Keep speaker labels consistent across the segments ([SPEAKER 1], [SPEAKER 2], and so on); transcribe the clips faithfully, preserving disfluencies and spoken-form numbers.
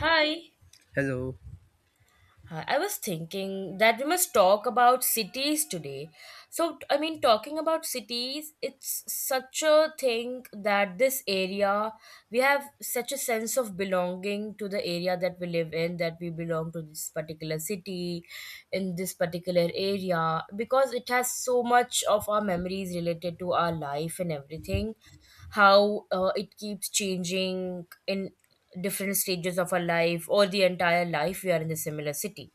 [SPEAKER 1] Hi.
[SPEAKER 2] Hello.
[SPEAKER 1] Hi. I was thinking that we must talk about cities today. So, I mean, talking about cities, it's such a thing that this area, we have such a sense of belonging to the area that we live in, that we belong to this particular city, in this particular area, because it has so much of our memories related to our life and everything, how uh, it keeps changing in different stages of our life, or the entire life we are in the similar city.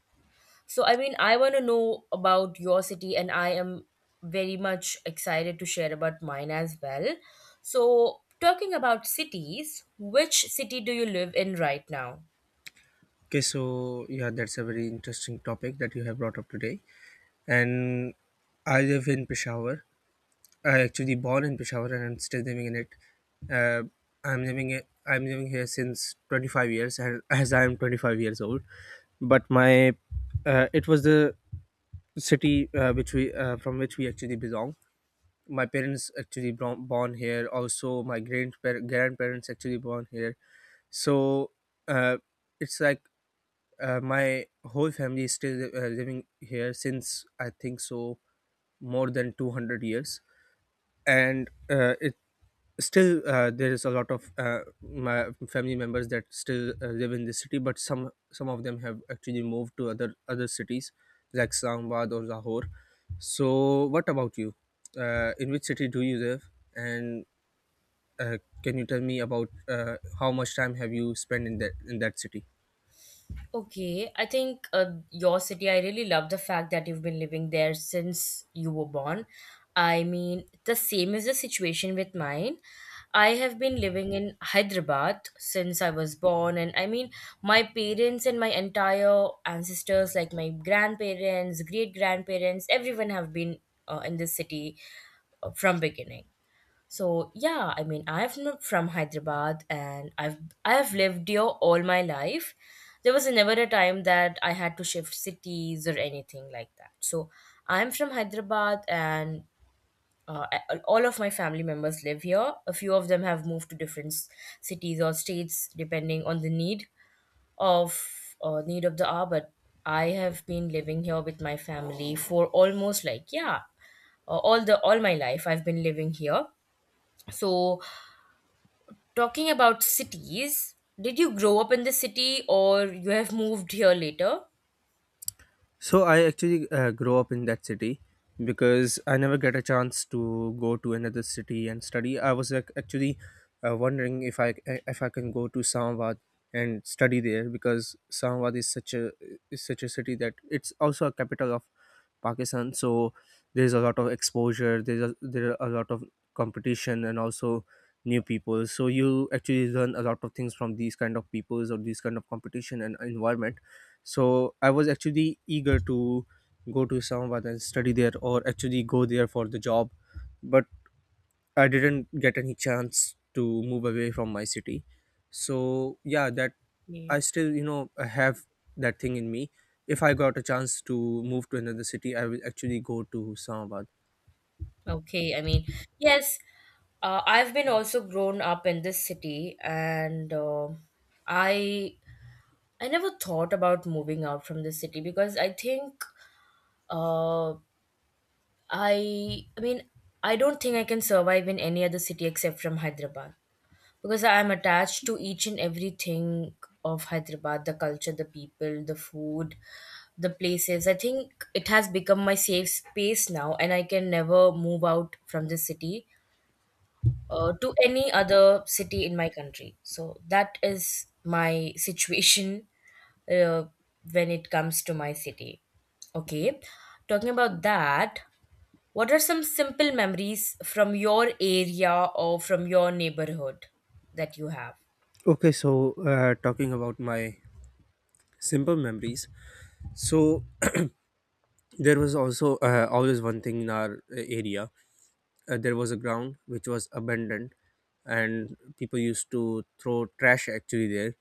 [SPEAKER 1] So I mean, I want to know about your city, and I am very much excited to share about mine as well. So, talking about cities, which city do you live in right now?
[SPEAKER 2] Okay, so yeah, that's a very interesting topic that you have brought up today. And I live in Peshawar. I actually born in Peshawar and I'm still living in it. Uh, I'm living it. I'm living here since twenty-five years, and as I am twenty-five years old. But my uh, it was the city uh, which we uh, from which we actually belong. My parents actually bro- born here. Also, my grandpa- grandparents actually born here. So uh, it's like, uh, my whole family is still uh, living here since, I think so, more than two hundred years. And uh, it still uh, there is a lot of uh, my family members that still uh, live in this city, but some some of them have actually moved to other other cities like Islamabad or Lahore. So what about you? Uh, in which city do you live, and uh, can you tell me about uh, how much time have you spent in that in that city?
[SPEAKER 1] Okay, I think uh, your city, I really love the fact that you've been living there since you were born. I mean, the same is the situation with mine. I have been living in Hyderabad since I was born, and I mean, my parents and my entire ancestors, like my grandparents, great grandparents, everyone have been uh, in this city uh, from beginning. So yeah, I mean, I have not from Hyderabad, and I've I've lived here all my life. There was never a time that I had to shift cities or anything like that. So I'm from Hyderabad, and uh, a- all of my family members live here. A few of them have moved to different s- cities or states, depending on the need of uh, need of the hour. But I have been living here with my family for almost like yeah, uh, all the all my life. I've been living here. So, talking about cities, did you grow up in the city, or you have moved here later?
[SPEAKER 2] So I actually uh, grow up in that city, because I never get a chance to go to another city and study. I was like, actually, uh, wondering if I if I can go to Islamabad and study there, because Islamabad is such a is such a city that it's also a capital of Pakistan. So there's a lot of exposure. There's a, there are a lot of competition and also new people. So you actually learn a lot of things from these kind of peoples or these kind of competition and environment. So I was actually eager to go to Islamabad and study there, or actually go there for the job, but I didn't get any chance to move away from my city. So yeah, that I
[SPEAKER 1] Yeah.
[SPEAKER 2] still you know have that thing in me: if I got a chance to move to another city, I will actually go to Islamabad.
[SPEAKER 1] Okay, I mean, yes, uh, I've been also grown up in this city, and uh, I I never thought about moving out from the city because I think uh, I I mean I don't think I can survive in any other city except from Hyderabad, because I am attached to each and everything of Hyderabad, the culture, the people, the food, the places. I think it has become my safe space now, and I can never move out from this city uh, to any other city in my country. So that is my situation uh, when it comes to my city. Okay, talking about that, what are some simple memories from your area or from your neighborhood that you have?
[SPEAKER 2] Okay, so, uh, talking about my simple memories, so there was also, uh, always one thing in our uh, area. Uh, there was a ground which was abandoned, and people used to throw trash actually there.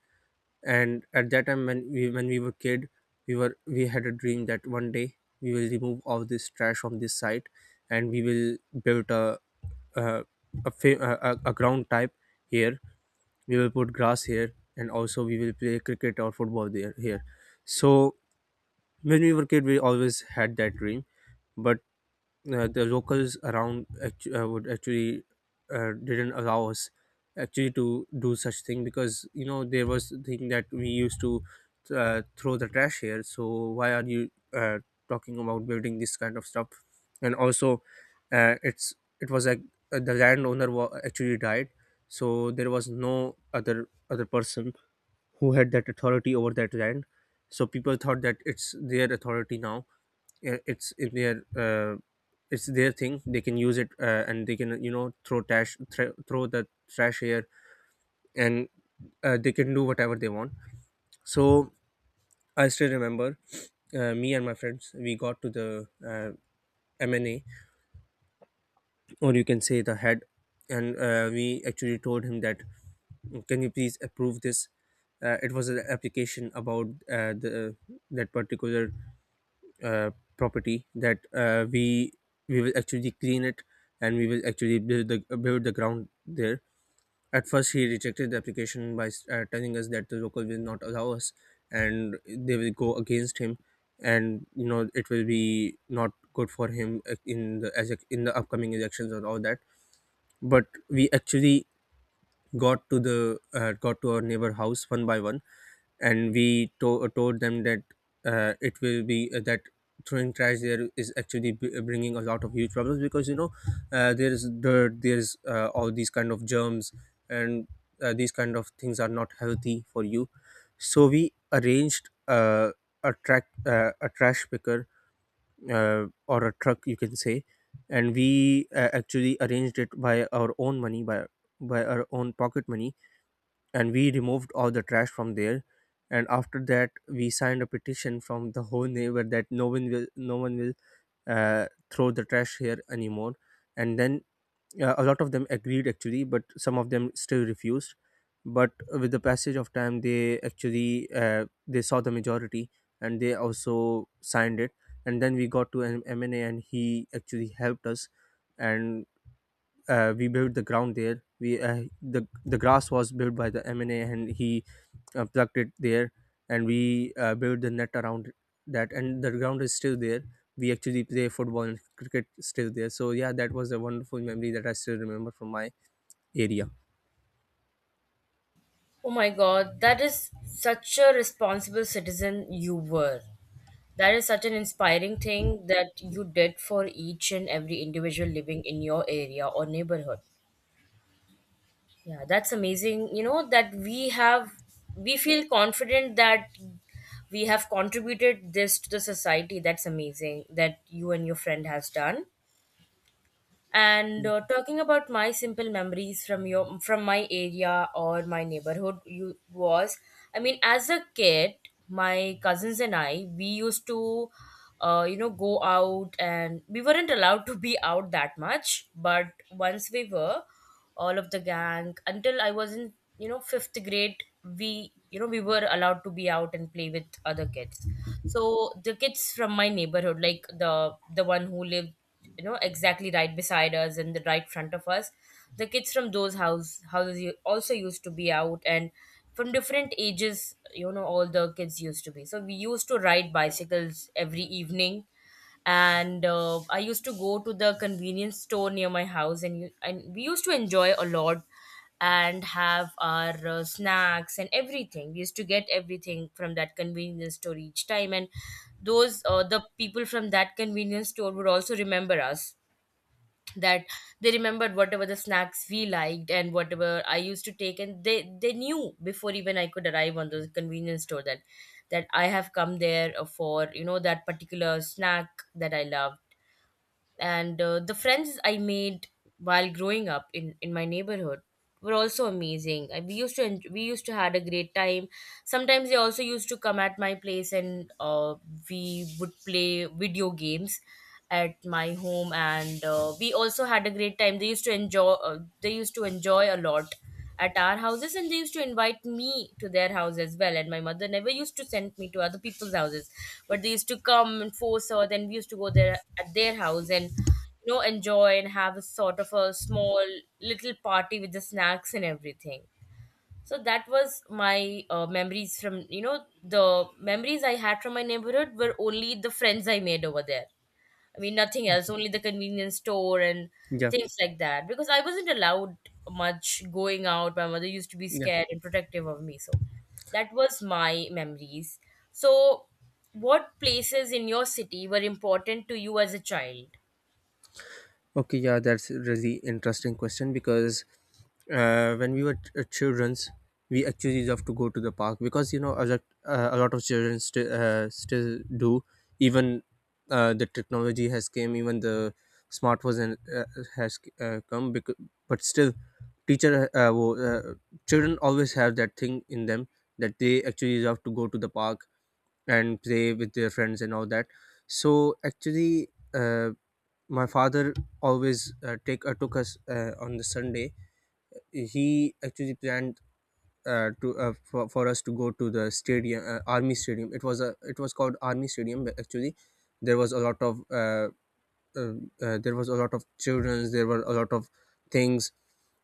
[SPEAKER 2] And at that time, when we when we were kid, we were we had a dream that one day we will remove all this trash from this site, and we will build a uh, a, fa- a a a ground type here. We will put grass here, and also we will play cricket or football there here. So when we were kid, we always had that dream, but uh, the locals around, actu- uh, would actually uh, didn't allow us actually to do such thing, because you know there was a thing that we used to uh, throw the trash here, so why are you uh, talking about building this kind of stuff? And also uh, it's it was like, uh, the landowner wa- actually died, so there was no other other person who had that authority over that land. So people thought that it's their authority now, yeah, it's if they are uh, it's their thing, they can use it, uh, and they can you know throw trash thr throw the trash here, and uh, they can do whatever they want. So I still remember, uh, me and my friends, we got to the uh, M N A, or you can say the head, and uh, we actually told him that, can you please approve this? Uh, it was an application about uh, the that particular uh, property that, uh, we we will actually clean it, and we will actually build the build the ground there. At first, he rejected the application by uh, telling us that the local will not allow us, and they will go against him, and you know it will be not good for him uh, in the as in the upcoming elections or all that. But we actually got to the uh, got to our neighbor house one by one, and we to- uh, told them that uh, it will be uh, that throwing trash there is actually b- uh, bringing a lot of huge problems, because you know uh, there's dirt, there's uh, all these kind of germs, and uh, these kind of things are not healthy for you. So we arranged, uh, a track uh, a trash picker, uh, or a truck, you can say, and we, uh, actually arranged it by our own money, by by our own pocket money, and we removed all the trash from there. And after that, we signed a petition from the whole neighbor, that no one will no one will uh, throw the trash here anymore. And then, uh, a lot of them agreed actually, but some of them still refused. But with the passage of time, they actually uh, they saw the majority, and they also signed it. And then we got to an M N A, and he actually helped us, and uh, we built the ground there. We uh, the the grass was built by the M N A, and he uh, plugged it there, and we uh, built the net around that, and the ground is still there. We actually play football and cricket still there. So yeah, that was a wonderful memory that I still remember from my area.
[SPEAKER 1] Oh my God, that is such a responsible citizen you were. That is such an inspiring thing that you did for each and every individual living in your area or neighborhood. Yeah, that's amazing. You know, that we have, we feel confident that we have contributed this to the society. That's amazing that you and your friend has done. And uh, talking about my simple memories from your from my area or my neighborhood, you was I mean, as a kid, my cousins and I, we used to, uh, you know, go out, and we weren't allowed to be out that much. But once we were, all of the gang until I was in you know fifth grade, we you know we were allowed to be out and play with other kids. So the kids from my neighborhood, like the the one who lived you know exactly right beside us and the right front of us, the kids from those house houses u- also used to be out, and from different ages, you know all the kids used to be. So we used to ride bicycles every evening, and uh, I used to go to the convenience store near my house, and, you, and we used to enjoy a lot and have our uh, snacks and everything. We used to get everything from that convenience store each time, and those uh, the people from that convenience store would also remember us, that they remembered whatever the snacks we liked and whatever I used to take, and they they knew before even I could arrive on the convenience store that that I have come there uh, for you know that particular snack that I love. And uh, the friends I made while growing up in in my neighborhood were also amazing. I, we used to en- we used to had a great time. Sometimes they also used to come at my place, and uh, we would play video games at my home, and uh, we also had a great time. They used to enjoy uh, they used to enjoy a lot at our houses, and they used to invite me to their house as well, and my mother never used to send me to other people's houses, but they used to come and force her. Then we used to go there at their house and you know enjoy and have a sort of a small little party with the snacks and everything. So that was my uh, memories from, you know the memories I had from my neighborhood were only the friends I made over there. I mean, nothing else, only the convenience store and
[SPEAKER 2] Yeah,
[SPEAKER 1] things like that. Because I wasn't allowed much going out, my mother used to be
[SPEAKER 2] yeah.
[SPEAKER 1] scared and protective of me. So that was my memories. So, what places in your city were important to you as a child?
[SPEAKER 2] Okay, yeah, that's a really interesting question, because uh, when we were ch- uh, childrens, we actually love to go to the park, because you know a lot, uh, a lot of children still uh, still do. Even uh, the technology has came, even the smartphones, and uh, has uh, come. Because, but still, teacher uh, wo- uh, children always have that thing in them, that they actually love to go to the park and play with their friends and all that. So actually. Uh, my father always uh, take uh, took us, uh, on the Sunday, he actually planned, uh, to uh, for, for us to go to the stadium. Uh, army stadium, it was a it was called Army Stadium. But actually there was a lot of uh, uh, uh, there was a lot of childrens. There were a lot of things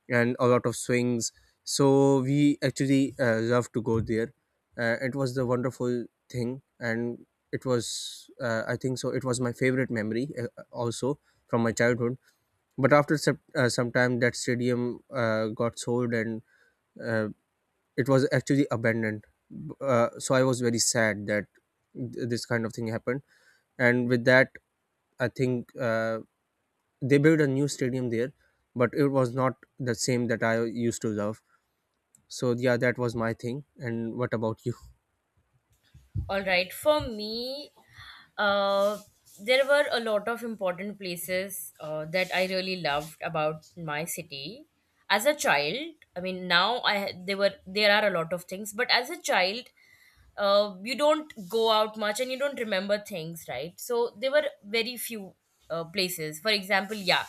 [SPEAKER 2] and a lot of swings. So we actually uh, love to go there. Uh, it was the wonderful thing, and it was uh, I think so it was my favorite memory, uh, also from my childhood. But after sep- uh, some time, that stadium uh, got sold, and uh, it was actually abandoned. B- Uh, so I was very sad that th- this kind of thing happened. And with that, I think, uh, they built a new stadium there, but it was not the same that I used to love. So yeah, that was my thing. And what about you?
[SPEAKER 1] All right, for me, uh, there were a lot of important places uh, that I really loved about my city. As a child, I mean, now I there were there are a lot of things, but as a child, uh, you don't go out much and you don't remember things, right? So there were very few uh, places. For example, yeah,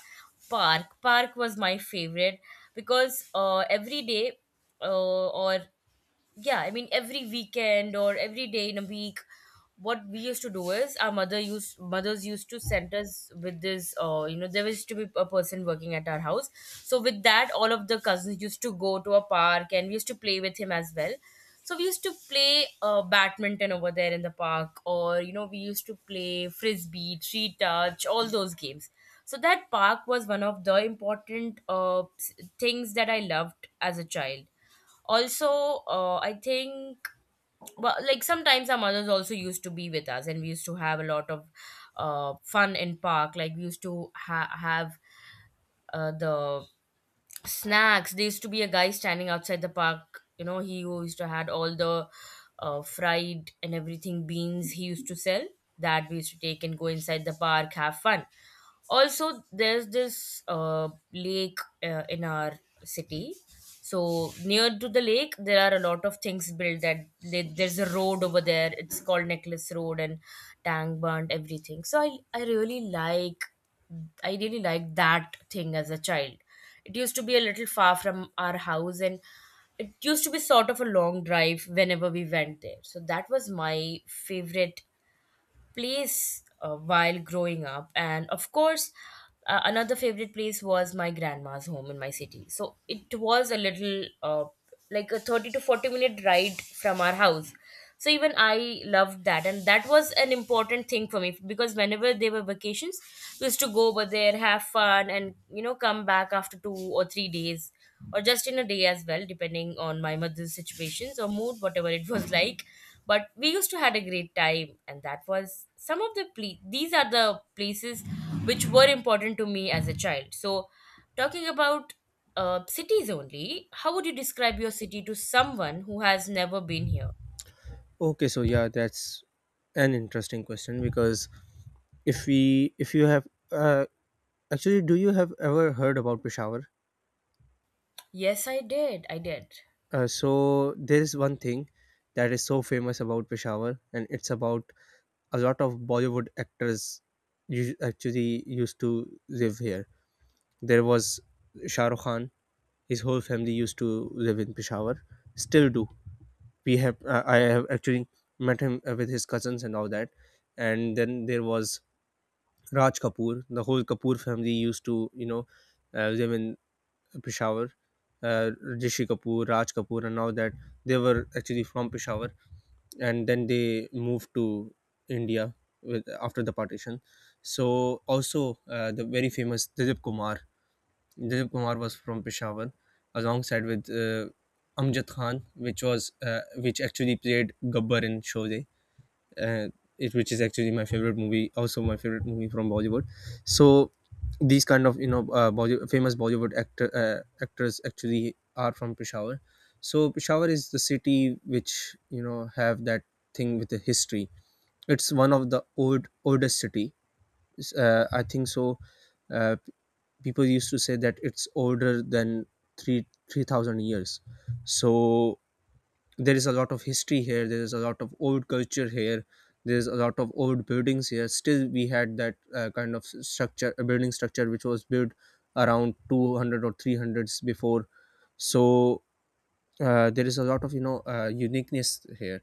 [SPEAKER 1] park. Park was my favorite because uh, every day uh, or yeah, I mean, every weekend or every day in a week, what we used to do is our mother used mothers used to send us with this, uh, you know there used to be a person working at our house. So with that, all of the cousins used to go to a park, and we used to play with him as well. So we used to play uh, badminton over there in the park, or you know we used to play frisbee, tree touch, all those games. So that park was one of the important uh, s- things that I loved as a child. Also, uh, I think, well, like sometimes our mothers also used to be with us, and we used to have a lot of uh, fun in park. Like we used to ha- have uh, the snacks. There used to be a guy standing outside the park, you know he who used to had all the uh, fried and everything beans he used to sell, that we used to take and go inside the park, have fun. Also, there's this uh, lake uh, in our city. So near to the lake, there are a lot of things built. That they, there's a road over there. It's called Necklace Road and Tang Burnt, everything. So I I really like I really like that thing as a child. It used to be a little far from our house, and it used to be sort of a long drive whenever we went there. So that was my favorite place uh, while growing up. And of course, uh, another favorite place was my grandma's home in my city. So it was a little uh, like a thirty to forty minute ride from our house. So even I loved that, and that was an important thing for me because whenever there were vacations, we used to go over there, have fun, and you know come back after two or three days, or just in a day as well, depending on my mother's situations or mood, whatever it was like. But we used to had a great time, and that was some of the ple- these are the places which were important to me as a child. So, talking about uh, cities only, how would you describe your city to someone who has never been here?
[SPEAKER 2] Okay, so yeah, that's an interesting question, because if we if you have uh, actually do you have ever heard about Peshawar?
[SPEAKER 1] Yes, I did, I did.
[SPEAKER 2] Uh, so there is one thing that is so famous about Peshawar, and it's about a lot of Bollywood actors us- actually used to live here. There was Shah Rukh Khan; his whole family used to live in Peshawar, still do. We have uh, I have actually met him, uh, with his cousins and all that. And then there was Raj Kapoor. The whole Kapoor family used to, you know uh, live in Peshawar. Uh, Rishi Kapoor, Raj Kapoor, and all that, they were actually from Peshawar, and then they moved to India with after the partition. So also, uh, the very famous Dilip Kumar. Dilip Kumar was from Peshawar, alongside with, uh, Amjad Khan, which was uh, which actually played Gabbar in Sholay, and it which is actually my favorite movie, also my favorite movie from Bollywood. So these kind of, you know uh, Bolly- famous Bollywood actor uh, actors actually are from Peshawar. So Peshawar is the city which, you know have that thing with the history. It's one of the old oldest city. It's, uh, I think so, uh, people used to say that it's older than three three thousand years. So there is a lot of history here, there is a lot of old culture here, there's a lot of old buildings here. Still we had that, uh, kind of structure a building structure which was built around two hundred or three hundreds before. So, uh, there is a lot of, you know uh, uniqueness here.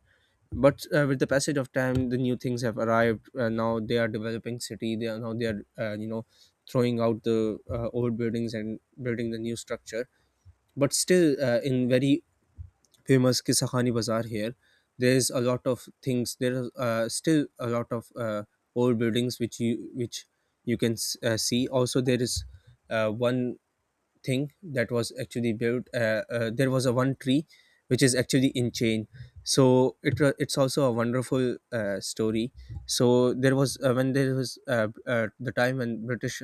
[SPEAKER 2] But uh, with the passage of time, the new things have arrived. Uh, now they are developing city. They are now they are uh, you know throwing out the uh, old buildings and building the new structure. But still, uh, in very famous Kissa Bazaar here, there is a lot of things. There are, uh, still a lot of uh, old buildings which you which you can s- uh, see. Also, there is uh, one thing that was actually built. Uh, uh, there was a one tree which is actually in chain. So it wa- it's also a wonderful uh, story. So there was uh, when there was uh, uh, the time when British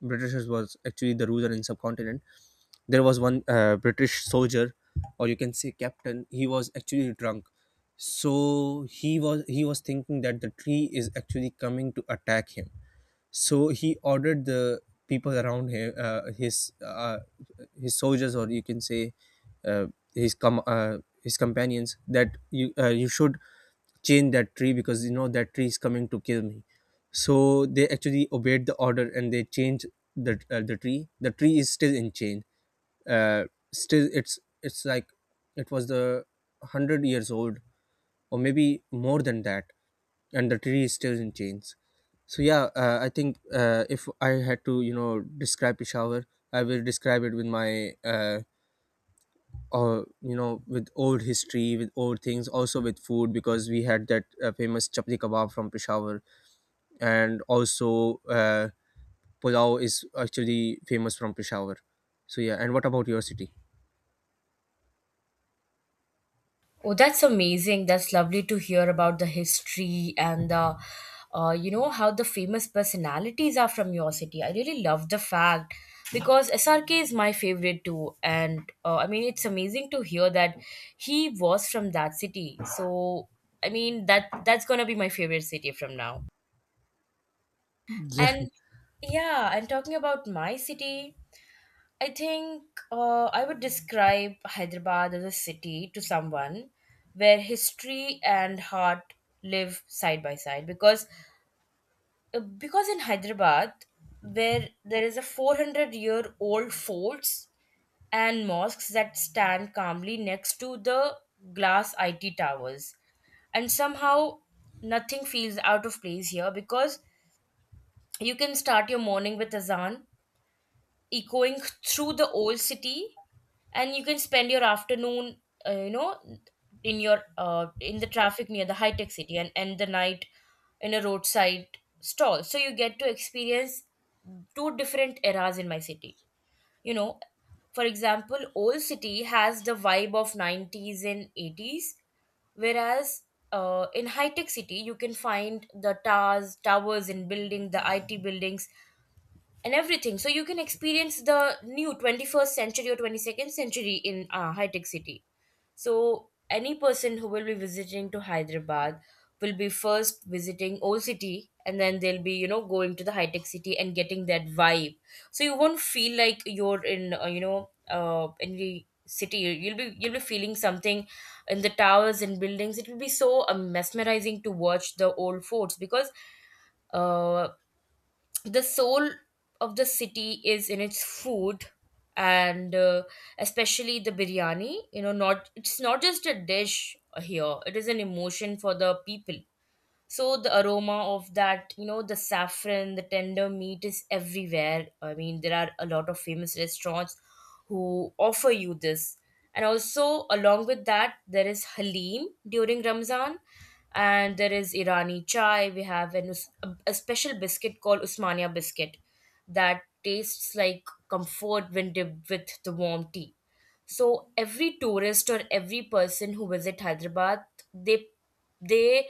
[SPEAKER 2] Britishers was actually the ruler in subcontinent. There was one uh, British soldier, or you can say captain. He was actually drunk, so he was he was thinking that the tree is actually coming to attack him. So he ordered the people around him, uh, his uh, his soldiers, or you can say uh, his com- uh, his companions, that you uh, you should chain that tree because you know that tree is coming to kill me. So they actually obeyed the order and they changed the uh, the tree The tree is still in chain. uh, Still it's it's like it was the one hundred years old, or maybe more than that, and the tree is still in chains. So yeah, uh, I think uh, if I had to you know describe Peshawar, I will describe it with my uh, or you know with old history, with old things, also with food, because we had that uh, famous chapli kebab from Peshawar, and also uh, pulao is actually famous from Peshawar. So yeah, and what about your city?
[SPEAKER 1] Oh, that's amazing. That's lovely to hear about the history and the, uh, you know, how the famous personalities are from your city. I really love the fact because S R K is my favorite too. And uh, I mean, it's amazing to hear that he was from that city. So, I mean, that that's gonna be my favorite city from now. And yeah, and talking about my city. I think uh, I would describe Hyderabad as a city to someone where history and heart live side by side because uh, because in Hyderabad where there is a four hundred year old forts and mosques that stand calmly next to the glass I T towers, and somehow nothing feels out of place here because you can start your morning with azan echoing through the old city, and you can spend your afternoon uh, you know in your uh, in the traffic near the high tech city, and end the night in a roadside stall. So you get to experience two different eras in my city. You know, for example, old city has the vibe of nineties and eighties, whereas uh, in high tech city you can find the towers towers and building the it buildings and everything. So you can experience the new twenty-first century or twenty-second century in uh, high tech city. So any person who will be visiting to Hyderabad will be first visiting old city, and then they'll be, you know, going to the high tech city and getting that vibe. So you won't feel like you're in uh, you know uh, any city. You'll be you'll be feeling something in the towers and buildings. It will be so uh, mesmerizing to watch the old forts because uh, the soul of the city is in its food. And uh, Especially the biryani, you know, not it's not just a dish here, it is an emotion for the people. So the aroma of that, you know, the saffron, the tender meat is everywhere. I mean, there are a lot of famous restaurants who offer you this. And also along with that, there is halim during ramzan, and there is irani chai. We have an, us- a, a special biscuit called usmania biscuit that tastes like comfort when dipped with the warm tea. So every tourist or every person who visit hyderabad, they they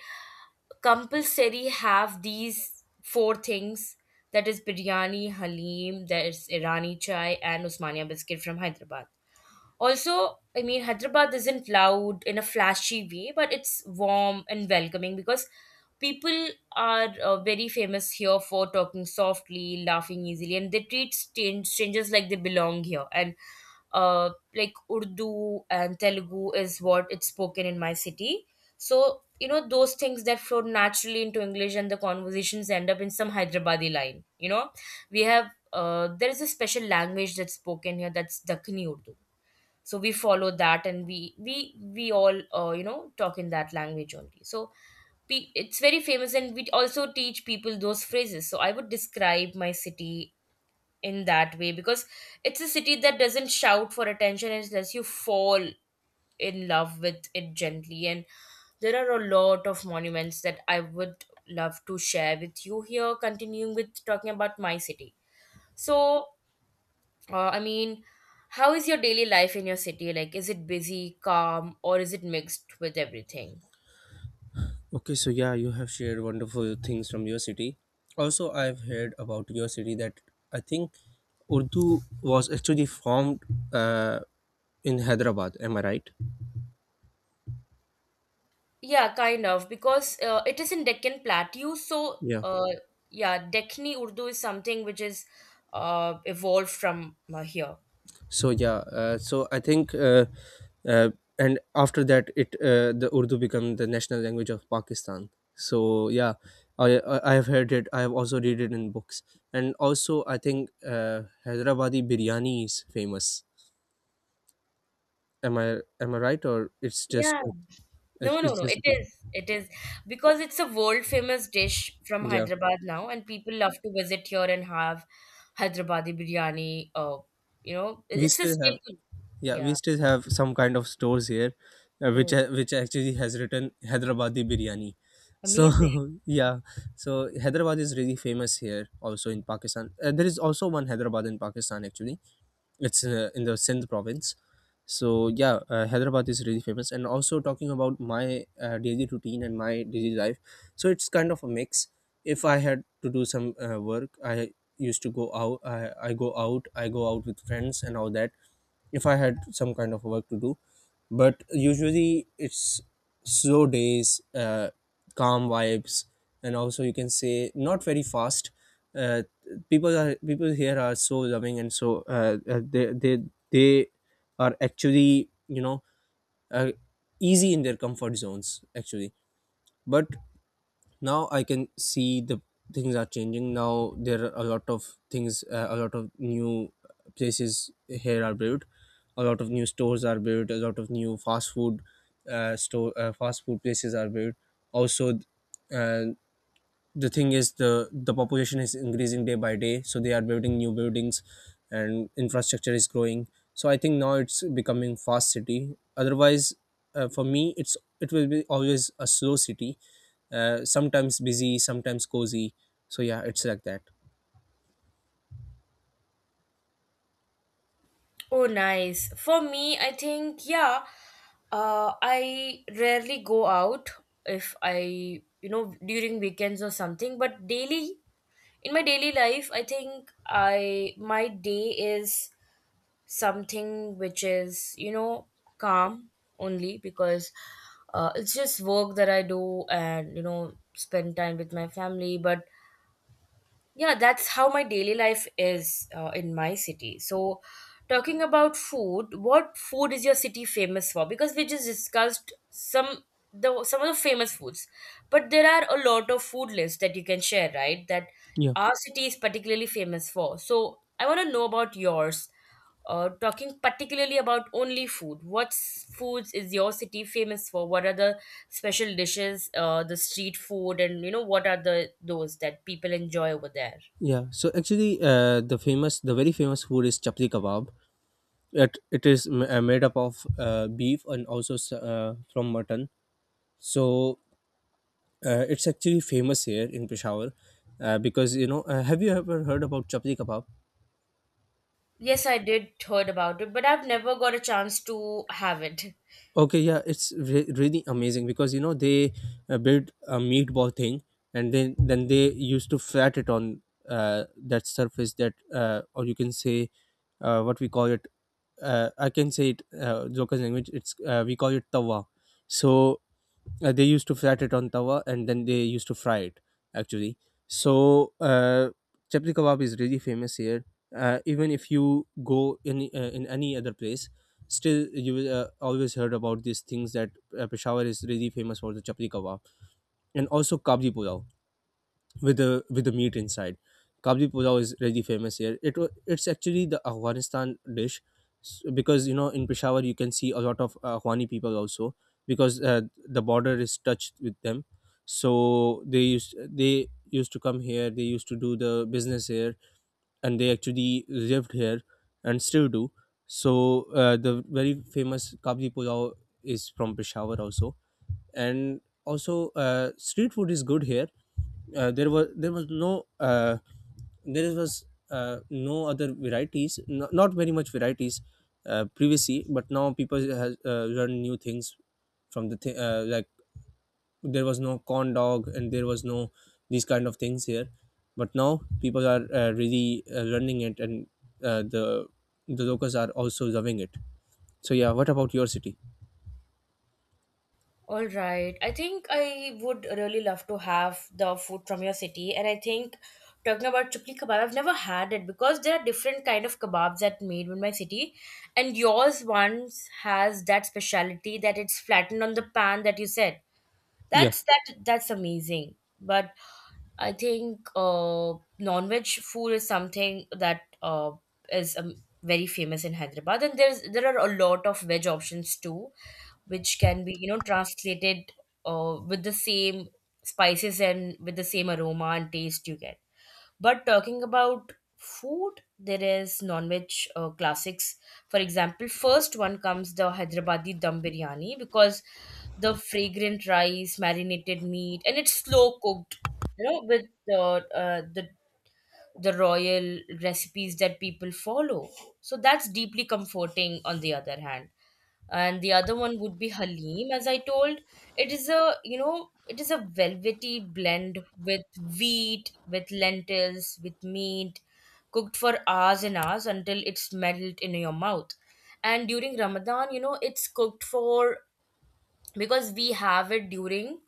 [SPEAKER 1] compulsory have these four things, that is biryani, halim, there's Irani chai, and Usmania biscuit from Hyderabad. Also, I mean, Hyderabad isn't loud in a flashy way, but it's warm and welcoming because people are uh, very famous here for talking softly, laughing easily, and they treat stan- strangers like they belong here. And uh, like Urdu and Telugu is what it's spoken in my city. So, you know, those things that flow naturally into English, and the conversations end up in some Hyderabadi line. You know, we have, uh, there is a special language that's spoken here, that's Dakini Urdu. So we follow that, and we we we all, uh, you know, talk in that language only. So pe- it's very famous, and we also teach people those phrases. So I would describe my city in that way, because it's a city that doesn't shout for attention, and it lets you fall in love with it gently. And there are a lot of monuments that I would love to share with you here, continuing with talking about my city. So uh, I mean, how is your daily life in your city? Like, is it busy, calm, or is it mixed with everything?
[SPEAKER 2] Okay, so yeah, you have shared wonderful things from your city. Also, I've heard about your city that I think Urdu was actually formed uh, in Hyderabad. Am I right?
[SPEAKER 1] Yeah, kind of, because uh, it is in Deccan Plateau. So,
[SPEAKER 2] Yeah.
[SPEAKER 1] uh, yeah, Dekhni Urdu is something which is uh, evolved from uh, here.
[SPEAKER 2] So yeah. Uh, so I think, uh, uh, and after that, it uh, the Urdu became the national language of Pakistan. So yeah, I I I have heard it. I have also read it in books, and also I think uh, Hyderabadi biryani is famous. Am I am I right, or it's just—
[SPEAKER 1] Yeah.
[SPEAKER 2] It's,
[SPEAKER 1] No, no,
[SPEAKER 2] it's
[SPEAKER 1] no.
[SPEAKER 2] just
[SPEAKER 1] It
[SPEAKER 2] a thing.
[SPEAKER 1] is. It is, because it's a world famous dish from
[SPEAKER 2] Yeah.
[SPEAKER 1] Hyderabad now, and people love to visit here and have Hyderabadi biryani. Uh, you know, it-
[SPEAKER 2] We
[SPEAKER 1] it's a
[SPEAKER 2] still have—
[SPEAKER 1] staple.
[SPEAKER 2] Yeah.
[SPEAKER 1] Yeah.
[SPEAKER 2] We still have some kind of stores here, uh, which
[SPEAKER 1] Oh,
[SPEAKER 2] ha- which actually has written Hyderabadi biryani. So
[SPEAKER 1] amazing.
[SPEAKER 2] yeah, so Hyderabad is really famous here also in Pakistan. Uh, there is also one Hyderabad in Pakistan actually. It's uh, in the Sindh province. So yeah, uh, Hyderabad is really famous. And also, talking about my uh, daily routine and my daily life, so it's kind of a mix. If I had to do some uh, work, I used to go out I, I go out I go out with friends and all that if I had some kind of work to do. But usually it's slow days, uh, calm vibes, and also you can say not very fast. Uh, People are— people here are so loving and so uh, uh, they they they are actually, you know, uh, easy in their comfort zones actually. But now I can see the things are changing now. There are a lot of things, uh, a lot of new places here are built, a lot of new stores are built, a lot of new fast food uh, store uh, fast food places are built. Also, uh, the thing is, the the population is increasing day by day, so they are building new buildings and infrastructure is growing. So I think now it's becoming fast city. Otherwise, uh, for me it's— it will be always a slow city, uh, sometimes busy, sometimes cozy. So yeah, it's like that.
[SPEAKER 1] Oh, nice. For me, I think, yeah, uh, I rarely go out if I, you know, during weekends or something, but daily, in my daily life, I think I, my day is something which is, you know, calm only because uh, it's just work that I do, and, you know, spend time with my family, but yeah, that's how my daily life is uh, in my city. So, talking about food, what food is your city famous for? Because we just discussed some the some of the famous foods, but there are a lot of food lists that you can share, right? That
[SPEAKER 2] Yeah.
[SPEAKER 1] our city is particularly famous for. So, I want to know about yours. Uh, talking particularly about only food, what s- foods is your city famous for? What are the special dishes, uh, the street food, and, you know, what are the those that people enjoy over there?
[SPEAKER 2] Yeah, so actually uh, the famous— the very famous food is chapli kebab. it, it is m- uh, made up of uh, beef and also s- uh, from mutton. So Uh, it's actually famous here in Peshawar, uh, because you know. Uh, have you ever heard about chapli kebab?
[SPEAKER 1] Yes, I did heard about it, but I've never got a chance to have it.
[SPEAKER 2] Okay, yeah, it's re- really amazing because you know they uh, build a meatball thing, and then then they used to flat it on uh, that surface, that, uh, or you can say uh, what we call it. Uh, I can say it uh, local language. It's, uh, we call it tawa. So uh, they used to flat it on tawa, and then they used to fry it actually. So uh, chapli kebab is really famous here. Uh, even if you go in uh, in any other place, still you will uh, always heard about these things, that uh, Peshawar is really famous for the chapli kebab. And also kabli pulao, with the— with the meat inside. Kabli pulao is really famous here. It wa- it's actually the Afghanistan dish, s- because you know in Peshawar you can see a lot of Afghani people also, because uh, the border is touched with them. So they used they used to come here. They used to do the business here, and they actually lived here, and still do. So uh, the very famous kabli pulao is from Peshawar also. And also uh, street food is good here. Uh, there was there was no uh, there was uh, No other varieties, no, not very much varieties uh, previously, but now people has uh, run new things from the th- uh, like there was no corn dog and there was no these kind of things here. But now people are uh, really uh, running it, and uh, the the locals are also loving it. So yeah, what about your city?
[SPEAKER 1] All right. I think I would really love to have the food from your city, and I think talking about chukli kebab, I've never had it because there are different kind of kebabs that made in my city, and yours once has that specialty that it's flattened on the pan that you said.
[SPEAKER 2] Yeah.
[SPEAKER 1] That's that that's amazing. But I think uh, non-veg food is something that uh, is um, very famous in Hyderabad, and there's there are a lot of veg options too, which can be, you know, translated uh, with the same spices, and with the same aroma and taste you get. But talking about food, there is non-veg uh, classics. For example, first one comes the Hyderabadi dum biryani, because the fragrant rice, marinated meat, and it's slow cooked. You know, with the uh, the the royal recipes that people follow. So that's deeply comforting. On the other hand, and the other one would be Halim. As I told, it is a, you know, it is a velvety blend with wheat, with lentils, with meat, cooked for hours and hours until it's melt in your mouth. And during Ramadan, you know, it's cooked for, because we have it during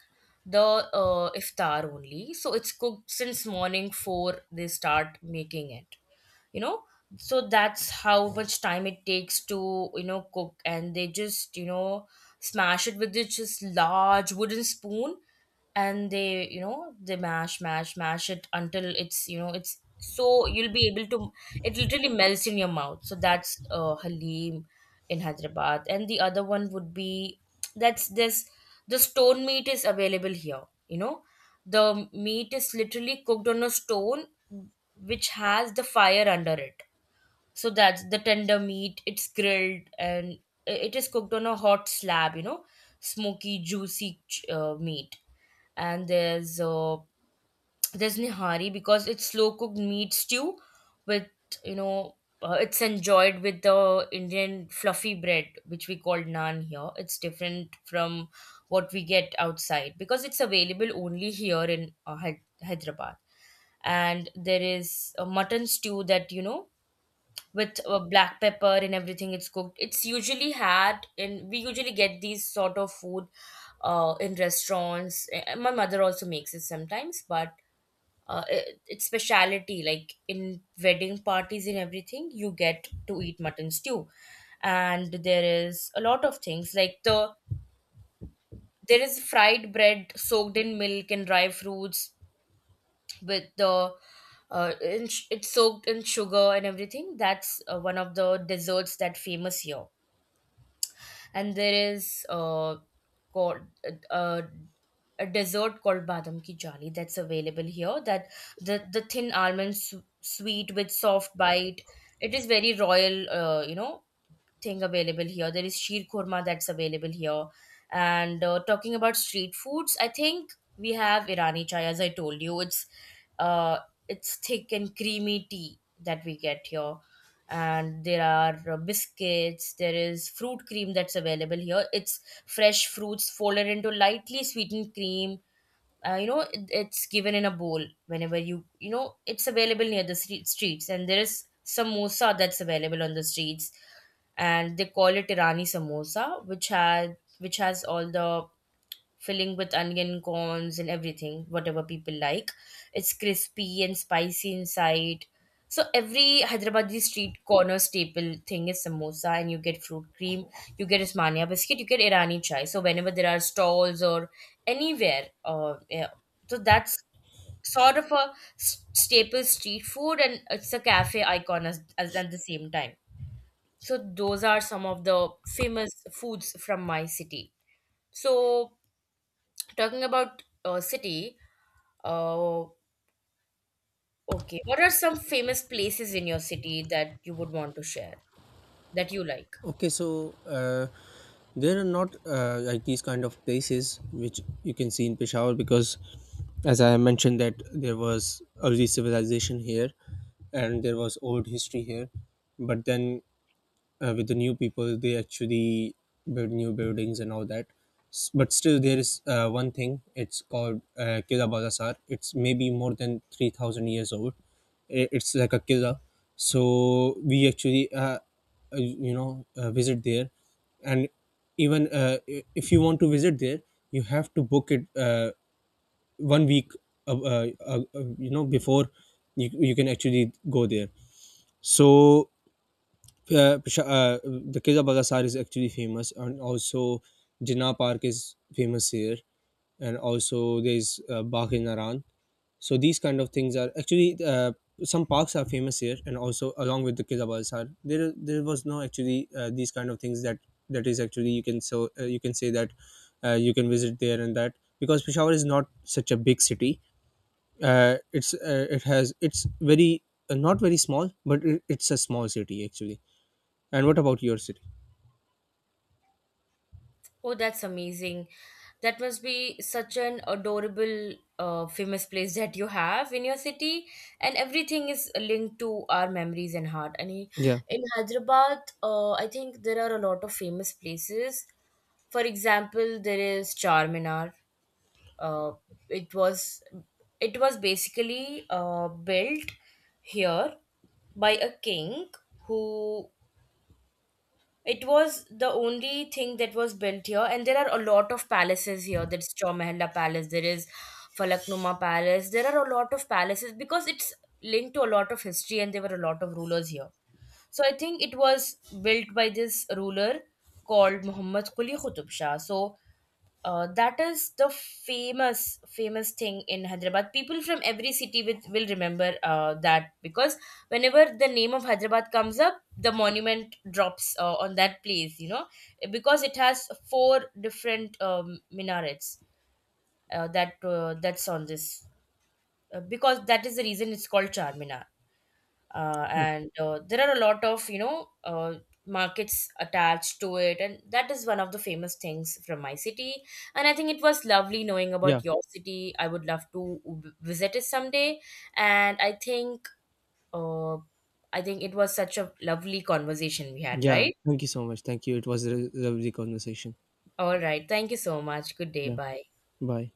[SPEAKER 1] the uh, iftar only, so it's cooked since morning four. They start making it, you know, so that's how much time it takes to, you know, cook, and they just, you know, smash it with this just large wooden spoon, and they, you know, they mash mash mash it until it's, you know, it's so you'll be able to, it literally melts in your mouth. So that's uh halim in hyderabad. And the other one would be, that's this, the stone meat is available here. You know, the meat is literally cooked on a stone which has the fire under it. So that's the tender meat, it's grilled, and i- it is cooked on a hot slab, you know, smoky juicy ch- uh, meat. And there's uh, there's nihari, because it's slow cooked meat stew with, you know, uh, it's enjoyed with the Indian fluffy bread which we call naan here. It's different from what we get outside, because it's available only here in uh, Hy- Hyderabad. And there is a mutton stew that, you know, with uh, black pepper and everything, it's cooked, it's usually had, and we usually get these sort of food uh, in restaurants. Uh, my mother also makes it sometimes, but uh, it, it's speciality like in wedding parties and everything you get to eat mutton stew. And there is a lot of things like the, there is fried bread soaked in milk and dry fruits with the uh, in, it's soaked in sugar and everything, that's uh, one of the desserts that famous here. And there is uh, called uh, a dessert called badam ki jali that's available here, that the the thin almond su- sweet with soft bite, it is very royal, uh, you know, thing available here. There is sheer korma that's available here. And uh, talking about street foods, I think we have Irani chai. As I told you, it's uh, it's thick and creamy tea that we get here. And there are uh, biscuits. There is fruit cream that's available here. It's fresh fruits folded into lightly sweetened cream, uh, you know, it, it's given in a bowl whenever you, you know, it's available near the street, streets, and there is samosa that's available on the streets, and they call it irani samosa, which had which has all the filling with onion corns and everything, whatever people like. It's crispy and spicy inside. So every Hyderabadi street corner staple thing is samosa, and you get fruit cream, you get Ismania biscuit, you get Irani chai. So whenever there are stalls or anywhere, uh, yeah, so that's sort of a s- staple street food, and it's a cafe icon as, as at the same time. So those are some of the famous foods from my city. So talking about uh, city uh, okay, what are some famous places in your city that you would want to share, that you like?
[SPEAKER 2] Okay, so uh, there are not uh, like these kind of places which you can see in Peshawar because, as I mentioned, that there was early civilization here and there was old history here, but then uh, with the new people they actually build new buildings and all that. S- but still there is uh, one thing, it's called uh, Kila Balasar. It's maybe more than three thousand years old. I- it's like a killa. So we actually uh, uh, you know uh, visit there. And even uh, i- if you want to visit there, you have to book it uh, one week uh, uh, uh, uh, you know before you, you can actually go there. So uh, Pish- uh, the Qila Bagasar is actually famous. And also Jinnah Park is famous here, and also there's uh, Bagh e Naran. So these kind of things are actually uh, some parks are famous here. And also, along with the Qila Bagasar, there— there was no actually uh, these kind of things that— that is actually, you can— so uh, you can say that uh, you can visit there, and that, because Peshawar is not such a big city. Uh, it's— uh, it has— it's very uh, not very small, but it, it's a small city actually. And what about your city?
[SPEAKER 1] Oh, that's amazing. That must be such an adorable uh, famous place that you have in your city, and everything is linked to our memories and heart, and i-
[SPEAKER 2] Yeah.
[SPEAKER 1] in hyderabad, uh, I think there are a lot of famous places. For example, there is charminar. uh, it was it was basically uh, built here by a king who, it was the only thing that was built here, and there are a lot of palaces here. There's Chowmehalla palace, there is Falaknuma palace, there are a lot of palaces, because it's linked to a lot of history, and there were a lot of rulers here. So I think it was built by this ruler called Muhammad Quli Qutub Shah. So uh, that is the famous famous thing in Hyderabad. People from every city with, will remember uh, that, because whenever the name of Hyderabad comes up, the monument drops uh, on that place. You know, because it has four different um, minarets uh, that uh, that's on this. Uh, because that is the reason it's called Charminar, uh,
[SPEAKER 2] Oh,
[SPEAKER 1] and uh, there are a lot of, you know, uh, markets attached to it, and that is one of the famous things from my city. And I think it was lovely knowing
[SPEAKER 2] yeah.
[SPEAKER 1] about your city. I would love to v- visit it someday. And I think, uh, I think it was such a lovely conversation we had,
[SPEAKER 2] Yeah.
[SPEAKER 1] right?
[SPEAKER 2] Thank you so much. Thank you. It was a lovely conversation.
[SPEAKER 1] All right, thank you so much, good day,
[SPEAKER 2] Yeah.
[SPEAKER 1] bye.
[SPEAKER 2] Bye.